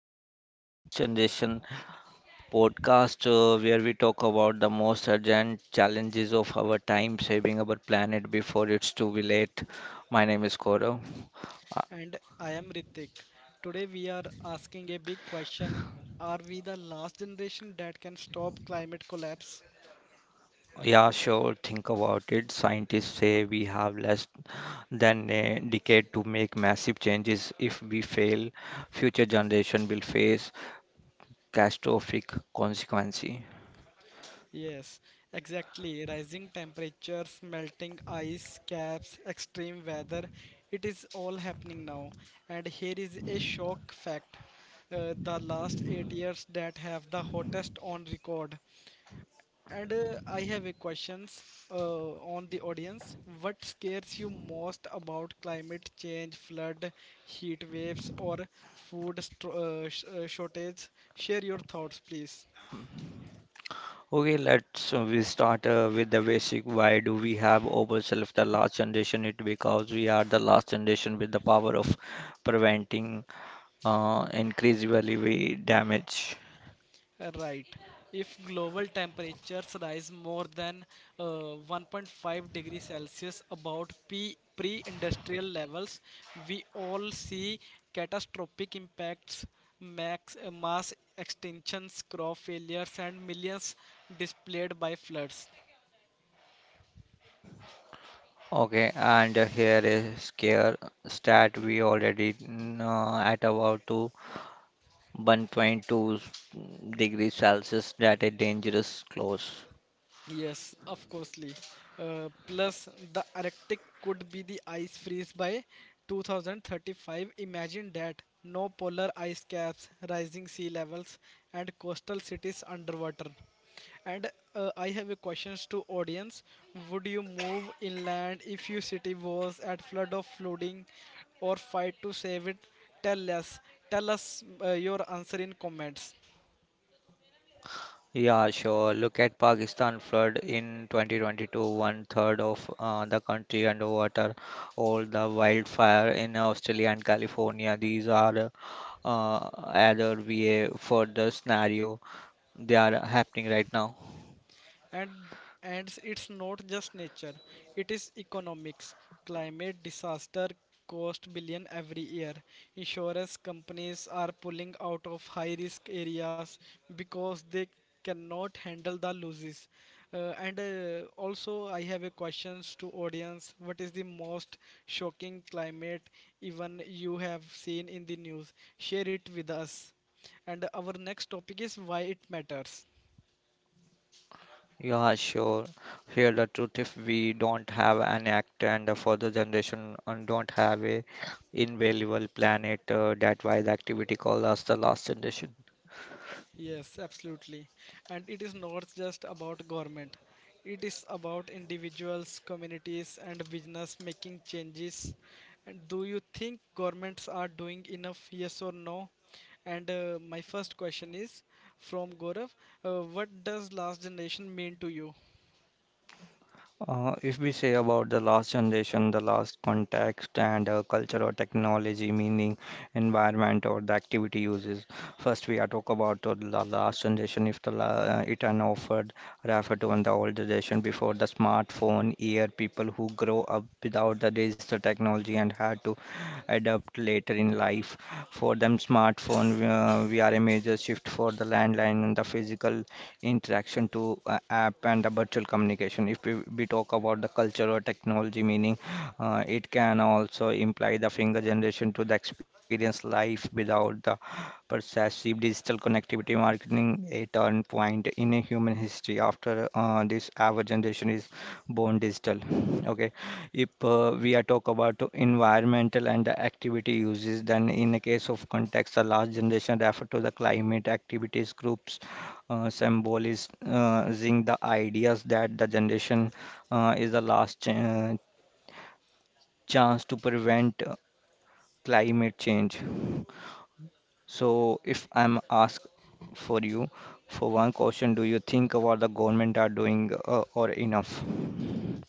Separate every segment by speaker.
Speaker 1: postcard to Last Generation podcast, where we talk about the most urgent challenges of our time, saving our planet before it's too late. My name is Gaurav. Uh,
Speaker 2: And I am Ritik. Today we are asking a big question. Are we the last generation that can stop climate collapse?
Speaker 1: yeah, sure, think about it. Scientists say we have less than a decade to make massive changes. If we fail, future generation will face catastrophic consequences.
Speaker 2: Yes, exactly. Rising temperatures, melting ice caps, extreme weather, it is all happening now. And here is a shock fact. The last 8 years that have the hottest on record. And I have a questions on the audience. What scares you most about climate change, flood, heat waves, or shortage? Share your thoughts, please.
Speaker 1: Okay, let's we start with the basic. Why do we have ourselves the last generation? It because we are the last generation with the power of preventing increasingly we damage.
Speaker 2: Right. If global temperatures rise more than uh, 1.5 degrees Celsius about pre-industrial levels, we all see catastrophic impacts, mass extinctions, crop failures, and millions displaced by floods.
Speaker 1: Okay, and here is scare stat we already at about to 1.2 degrees Celsius that a dangerous close.
Speaker 2: Yes, of course. Lee. Plus, the Arctic could be the ice freeze by 2035. Imagine that. No polar ice caps, rising sea levels, and coastal cities underwater. And I have a questions to audience. Would you move inland if your city was at flood of flooding or fight to save it? Tell us. Tell us your answer in comments.
Speaker 1: Yeah, sure. Look at Pakistan flood in 2022, one third of the country underwater, all the wildfire in Australia and California. These are uh, other VA for the scenario. They are happening right now.
Speaker 2: and and it's not just nature, it is economics. Climate disaster cost billion every year. Insurance companies are pulling out of high risk areas because they cannot handle the losses. And Also, I have a questions to audience. What is the most shocking climate even you have seen in the news? Share it with us. And our next topic is why it matters.
Speaker 1: Yeah, sure. Here, the truth if we don't have an act and the further generation don't have a invaluable planet, that wise activity called us the last generation.
Speaker 2: Yes, absolutely. And it is not just about government. It is about individuals, communities and business making changes. And do you think governments are doing enough? Yes or no? And My first question is from Gaurav. Uh, what does last generation mean to you?
Speaker 1: If we say about the last generation, the last context and culture or technology, meaning environment or the activity uses. First, we are talk about the last generation. If the la it an offered refer to on the old generation before the smartphone, year people who grow up without the digital technology and had to adapt later in life. For them, smartphone we are a major shift for the landline and the physical interaction to app and the virtual communication. If we talk about the culture or technology meaning, it can also imply the finger generation to the experience life without the pervasive digital connectivity marketing a turn point in a human history after this our generation is born digital. Okay, if we are talk about environmental and the activity uses then in a case of context a large generation refer to the climate activities groups symbolizing the ideas that the generation is the last ch chance to prevent climate change. So, if I'm asked for you for one question, do you think what the government are doing or enough?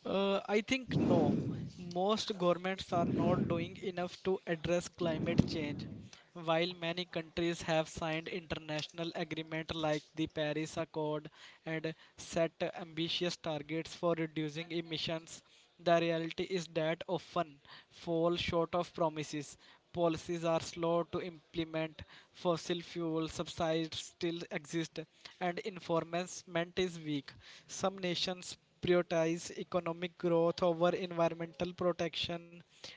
Speaker 2: I think no. Most governments are not doing enough to address climate change. While many countries have signed international agreements like the Paris Accord and set ambitious targets for reducing emissions, the reality is that often fall short of promises. Policies are slow to implement, fossil fuel subsidies still exist, and enforcement is weak. Some nations prioritize economic growth over environmental protection,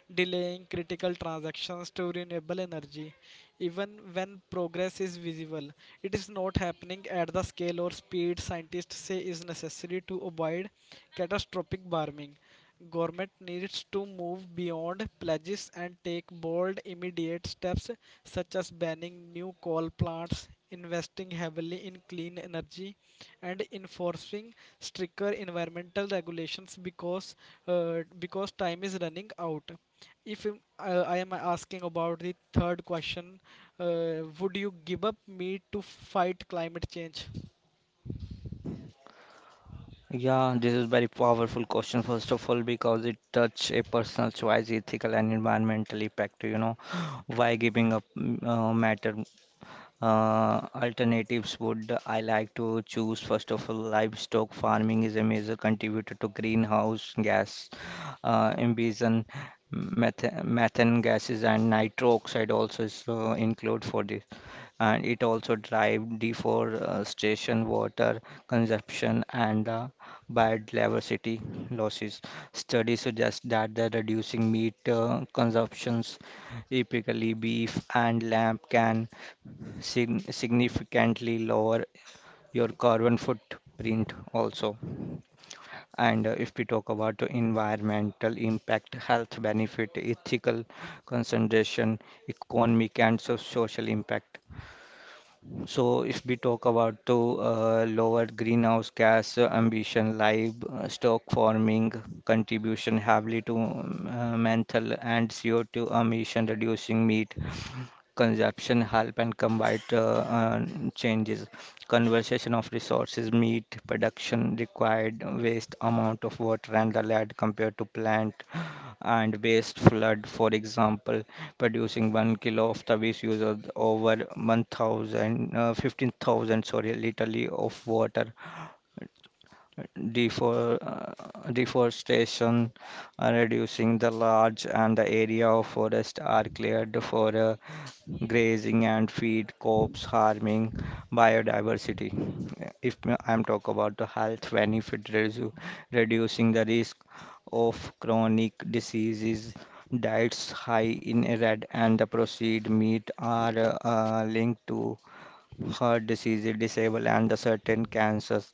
Speaker 2: delaying critical transactions to renewable energy. Even when progress is visible, it is not happening at the scale or speed scientists say is necessary to avoid catastrophic warming. Government needs to move beyond pledges and take bold, immediate steps such as banning new coal plants, investing heavily in clean energy, and enforcing stricter environmental regulations because time is running out. If I am asking about the third question. Uh, would you give up meat to fight climate change?
Speaker 1: Yeah, this is very powerful question first of all because it touch a personal choice, ethical and environmental impact. You know, why giving up matter. Alternatives would I like to choose first of all livestock farming is a major contributor to greenhouse gas emission methane gases and nitro oxide also is include for this and it also drive deforestation water consumption and biodiversity losses. Studies suggest that the reducing meat consumptions typically beef and lamb can significantly lower your carbon footprint also. And if we talk about the environmental impact, health benefit, ethical concentration, economic and social impact. So if we talk about the lower greenhouse gas ambition, livestock farming contribution heavily to menthol and CO2 emission, reducing meat consumption help and combined changes. Conservation of resources meat production required waste amount of water and the lead compared to plant and waste flood for example producing 1 kilo of rubbish uses over 1000 uh, 15,000 sorry literally of water. Deforestation, reducing the large and the area of forest are cleared for grazing and feed crops, harming biodiversity. If I'm talk about the health benefit, reducing the risk of chronic diseases, diets high in red and the processed meat are linked to heart disease, disable and the certain cancers.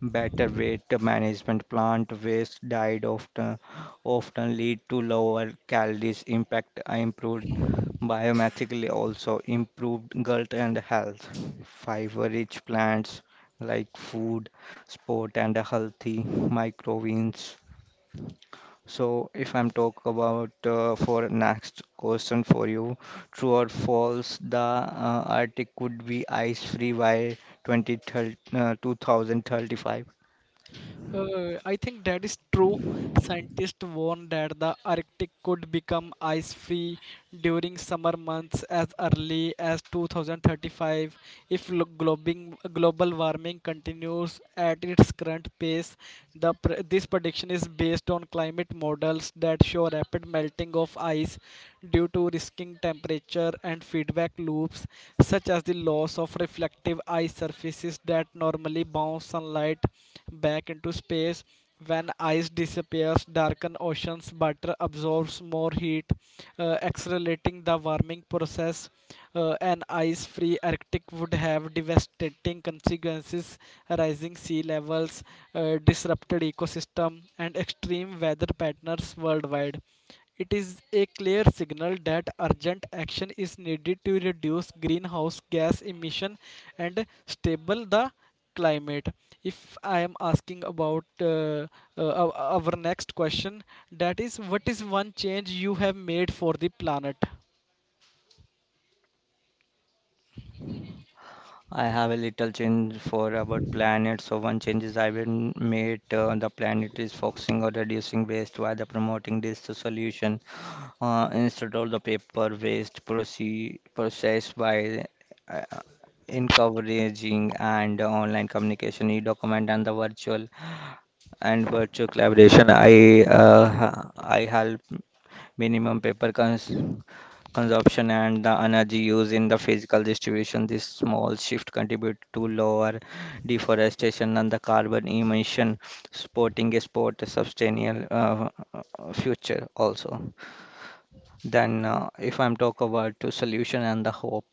Speaker 1: Better weight management, plant waste diet often lead to lower calories impact, improved biometrically also improved gut and health. Fiber-rich plants like food, sport and healthy microgreens. So if I'm talk about for next question for you, true or false, the Arctic could be ice-free by 2035.
Speaker 2: I think that is true. Scientists warn that the Arctic could become ice free during summer months as early as 2035 if global warming continues at its current pace. The pr- this prediction is based on climate models that show rapid melting of ice due to risking temperature and feedback loops, such as the loss of reflective ice surfaces that normally bounce sunlight back into space. When ice disappears, darken oceans, butter absorbs more heat, accelerating the warming process. An ice-free Arctic would have devastating consequences, rising sea levels, disrupted ecosystem, and extreme weather patterns worldwide. It is a clear signal that urgent action is needed to reduce greenhouse gas emission and stable the climate. If I am asking about uh, our next question, that is, what is one change you have made for the planet?
Speaker 1: I have a little change for about planet. So one changes I will made the planet is focusing on reducing waste while the promoting this solution instead of the paper waste processed by uh, encouraging and online communication, e-document and the virtual collaboration. I I help minimum paper consumption and the energy used in the physical distribution. This small shift contribute to lower deforestation and the carbon emission, supporting a sport sustainable future also. Then, if I'm talk about the solution and the hope,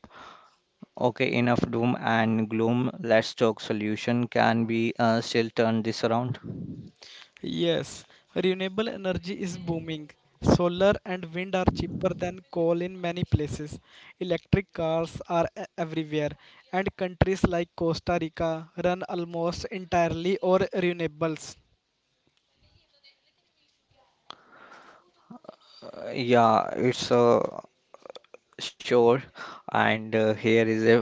Speaker 1: okay, enough doom and gloom. Let's talk solution. Can we still turn this around?
Speaker 2: Yes, renewable energy is booming. Solar and wind are cheaper than coal in many places. Electric cars are everywhere, and countries like Costa Rica run almost entirely on renewables.
Speaker 1: Yeah, it's sure. And here is a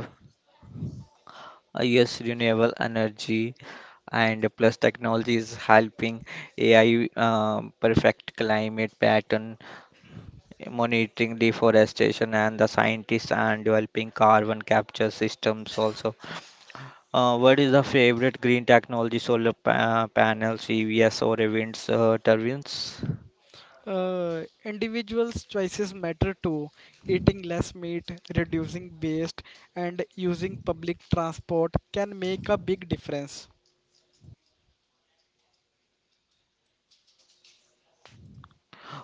Speaker 1: yes, renewable energy and plus technology is helping AI perfect climate pattern, monitoring deforestation, and the scientists and developing carbon capture systems also. What is the favorite green technology, solar pa panels, EVs, or events turbines?
Speaker 2: Individuals' choices matter too. Eating less meat, reducing waste, and using public transport can make a big difference.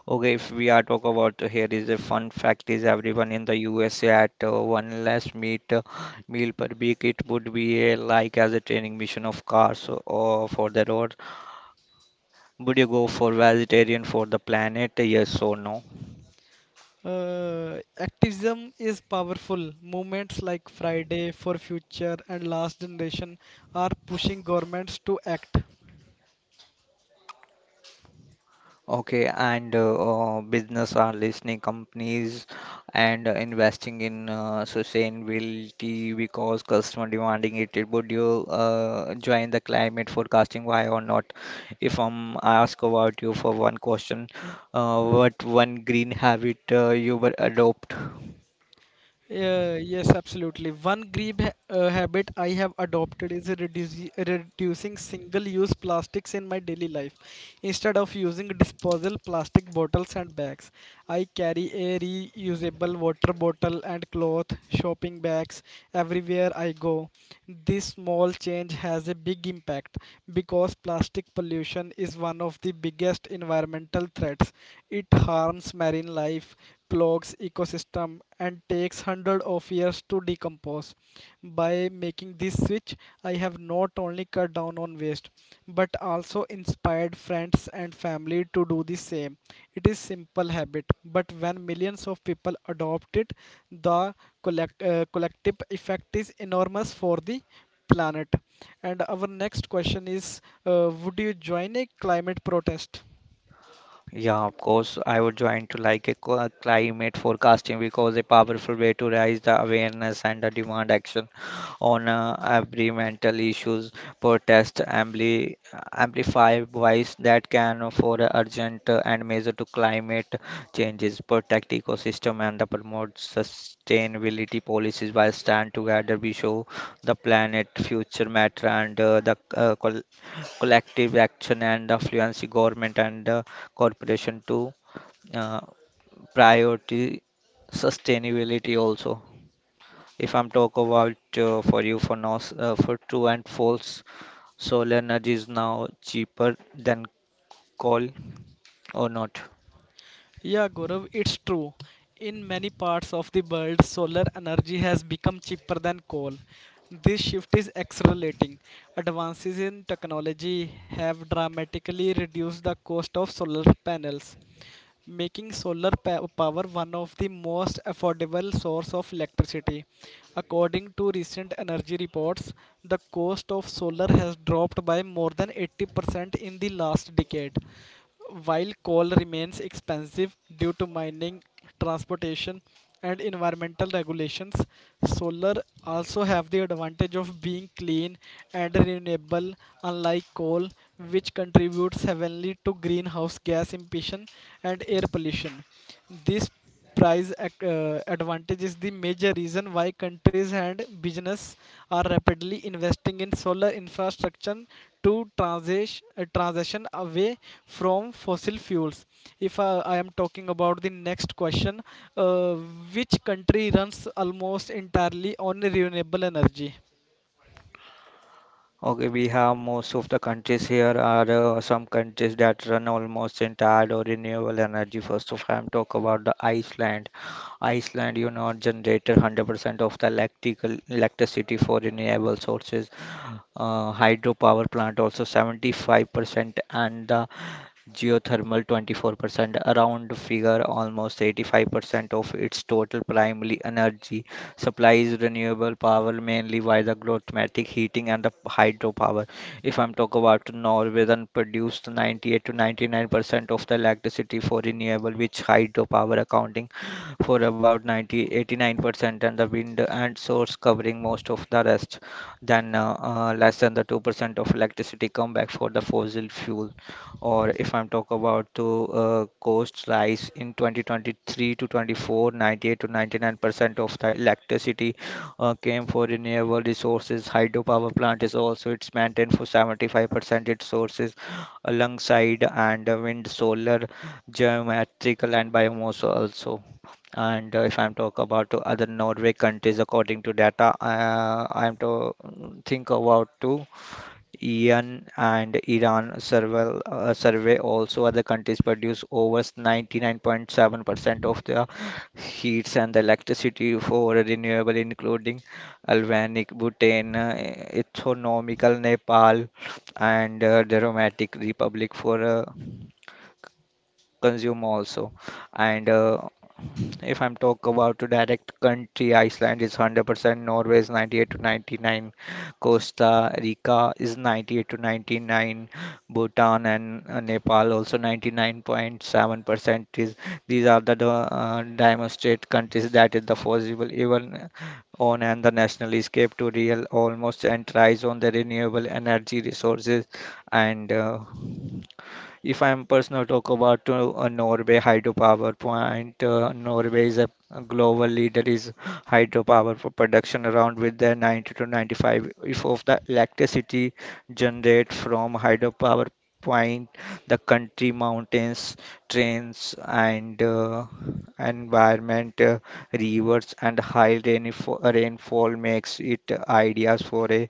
Speaker 1: Okay, if we are talk about here is a fun fact is everyone in the USA at one less meat meal per week. It would be a, like as a training mission of cars or for the road. Would you go for vegetarian for the planet? Yes or no?
Speaker 2: Activism is powerful. Movements like Friday for Future and Last Generation are pushing governments to act.
Speaker 1: Okay, and business are listening companies and investing in sustainability because customer demanding it. Would you join the climate forecasting? Why or not? If I'm ask about you for one question, what one green habit you would adopt?
Speaker 2: Yeah, yes, absolutely. One green ha habit I have adopted is reducing single-use plastics in my daily life. Instead of using disposable plastic bottles and bags, I carry a reusable water bottle and cloth, shopping bags everywhere I go. This small change has a big impact because plastic pollution is one of the biggest environmental threats. It harms marine life, clogs ecosystem and takes hundreds of years to decompose. By making this switch, I have not only cut down on waste but also inspired friends and family to do the same. It is simple habit, but when millions of people adopt it, the collective effect is enormous for the planet. And our next question is, would you join a climate protest?
Speaker 1: Yeah, of course, I would join to like a climate forecasting because a powerful way to raise the awareness and the demand action on every mental issues protest amplify voice that can for urgent and measure to climate changes protect ecosystem and the promote sustainability policies by stand together we show the planet future matter and collective action and the fluency government and the corporation to uh, priority sustainability also. If I'm talk about for you for now for true and false, solar energy is now cheaper than coal or not.
Speaker 2: Yeah, Gaurav, it's true. In many parts of the world, solar energy has become cheaper than coal. This shift is accelerating. Advances in technology have dramatically reduced the cost of solar panels, making power one of the most affordable source of electricity. According to recent energy reports, the cost of solar has dropped by more than 80% in the last decade while coal remains expensive due to mining, transportation, and environmental regulations. Solar also have the advantage of being clean and renewable unlike coal which contributes heavily to greenhouse gas emission and air pollution. This advantage is the major reason why countries and business are rapidly investing in solar infrastructure to transition away from fossil fuels. If I, I am talking about the next question. Uh, which country runs almost entirely on renewable energy?
Speaker 1: Okay, we have most of the countries here are some countries that run almost entire or renewable energy. First of all, I'm talk about the Iceland. Iceland, you know, generated 100% of the electrical electricity for renewable sources. Hydropower plant also 75% and the geothermal 24% around figure almost 85% of its total primary energy supply is renewable power mainly via the geothermal heating and the hydropower. If I'm talking about Norway then produced 98 to 99% of the electricity for renewable which hydropower accounting for about 90 89% and the wind and source covering most of the rest. Then less than the 2% of electricity come back for the fossil fuel. Or if I'm talk about to cost rise in 2023 to 24, 98 to 99% of the electricity came for renewable resources. Hydropower plant is also it's maintained for 75% its sources alongside and wind, solar, geometrical and biomass also. And if I'm talk about to other Norway countries according to data, I'm to think about to Iran and Iran survey, survey also other countries produce over 99.7% of their heats and electricity for renewable including Albanic, Bhutan, Autonomical Nepal and Democratic Republic for consume also. And if I'm talk about to direct country, Iceland is 100%, Norway is 98 to 99, Costa Rica is 98 to 99, Bhutan and Nepal also 99.7% is. These are the demonstrate countries that is the possible even on and the national escape to real almost and tries on the renewable energy resources and. If I'm personal talk about Norway hydropower plant, Norway is a global leader is hydropower for production around with the 90 to 95 if of the electricity generated from hydropower point. The country mountains trains and environment rivers and high rainfall makes it ideas for a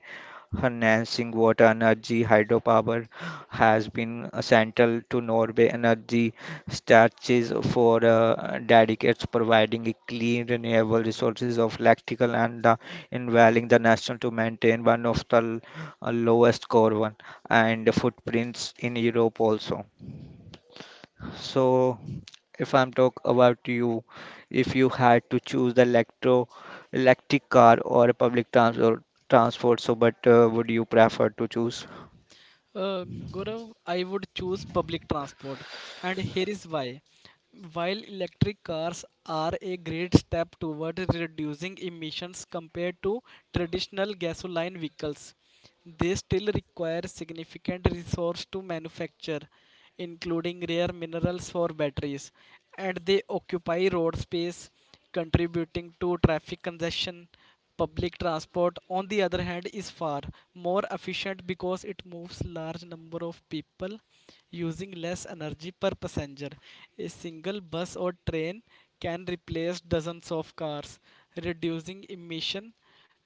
Speaker 1: enhancing water energy. Hydropower has been central to Norway energy strategies for decades, providing a clean, renewable resources of electrical and the involving the national to maintain one of the lowest carbon and footprints in Europe also. So, if I'm talk about you, if you had to choose the electro electric car or a public transport, so but would you prefer to choose?
Speaker 2: Gaurav, I would choose public transport, and here is why. While electric cars are a great step toward reducing emissions compared to traditional gasoline vehicles, they still require significant resource to manufacture, including rare minerals for batteries, and they occupy road space, contributing to traffic congestion. Public transport, on the other hand, is far more efficient because it moves large number of people using less energy per passenger. A single bus or train can replace dozens of cars, reducing emission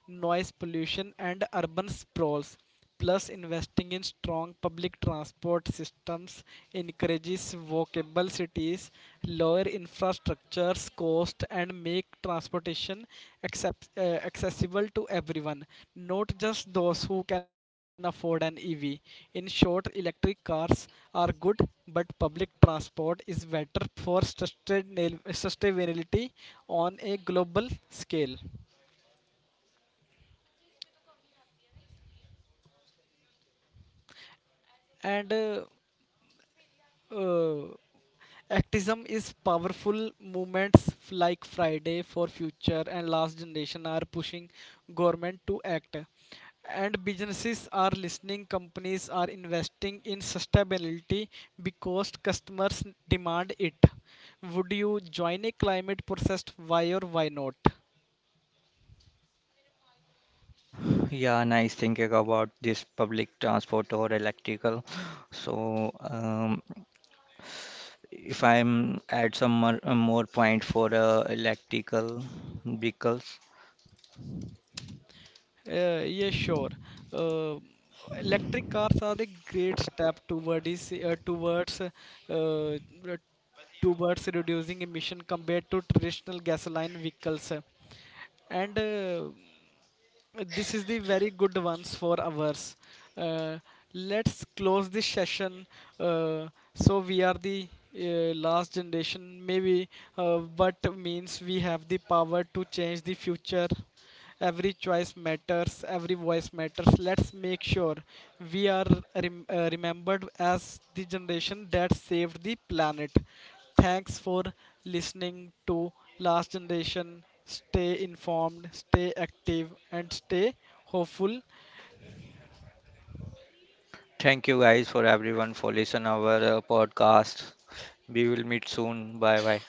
Speaker 2: noise pollution, and urban sprawls. Plus, investing in strong public transport systems encourages walkable cities, lower infrastructure cost, and make transportation accept, uh, accessible to everyone, not just those who can afford an EV. In short, electric cars are good, but public transport is better for sustainability on a global scale and Uh, activism is powerful. Movements like Friday for Future and Last Generation are pushing government to act. And businesses are listening, companies are investing in sustainability because customers demand it. Would you join a climate protest? Why or why not?
Speaker 1: Yeah, nice thinking about this public transport or electrical. So, if I'm add some more, more point for electrical vehicles.
Speaker 2: Yeah, sure. Uh, Electric cars are the great step toward is, towards uh, towards reducing emission compared to traditional gasoline vehicles, and this is the very good ones for ours. Uh, let's close this session. Uh, so we are the last generation, maybe, but means we have the power to change the future. Every choice matters. Every voice matters. Let's make sure we are remembered as the generation that saved the planet. Thanks for listening to Last Generation. Stay informed, stay active, and stay hopeful.
Speaker 1: Thank you guys for everyone for listen our podcast. We will meet soon. Bye bye.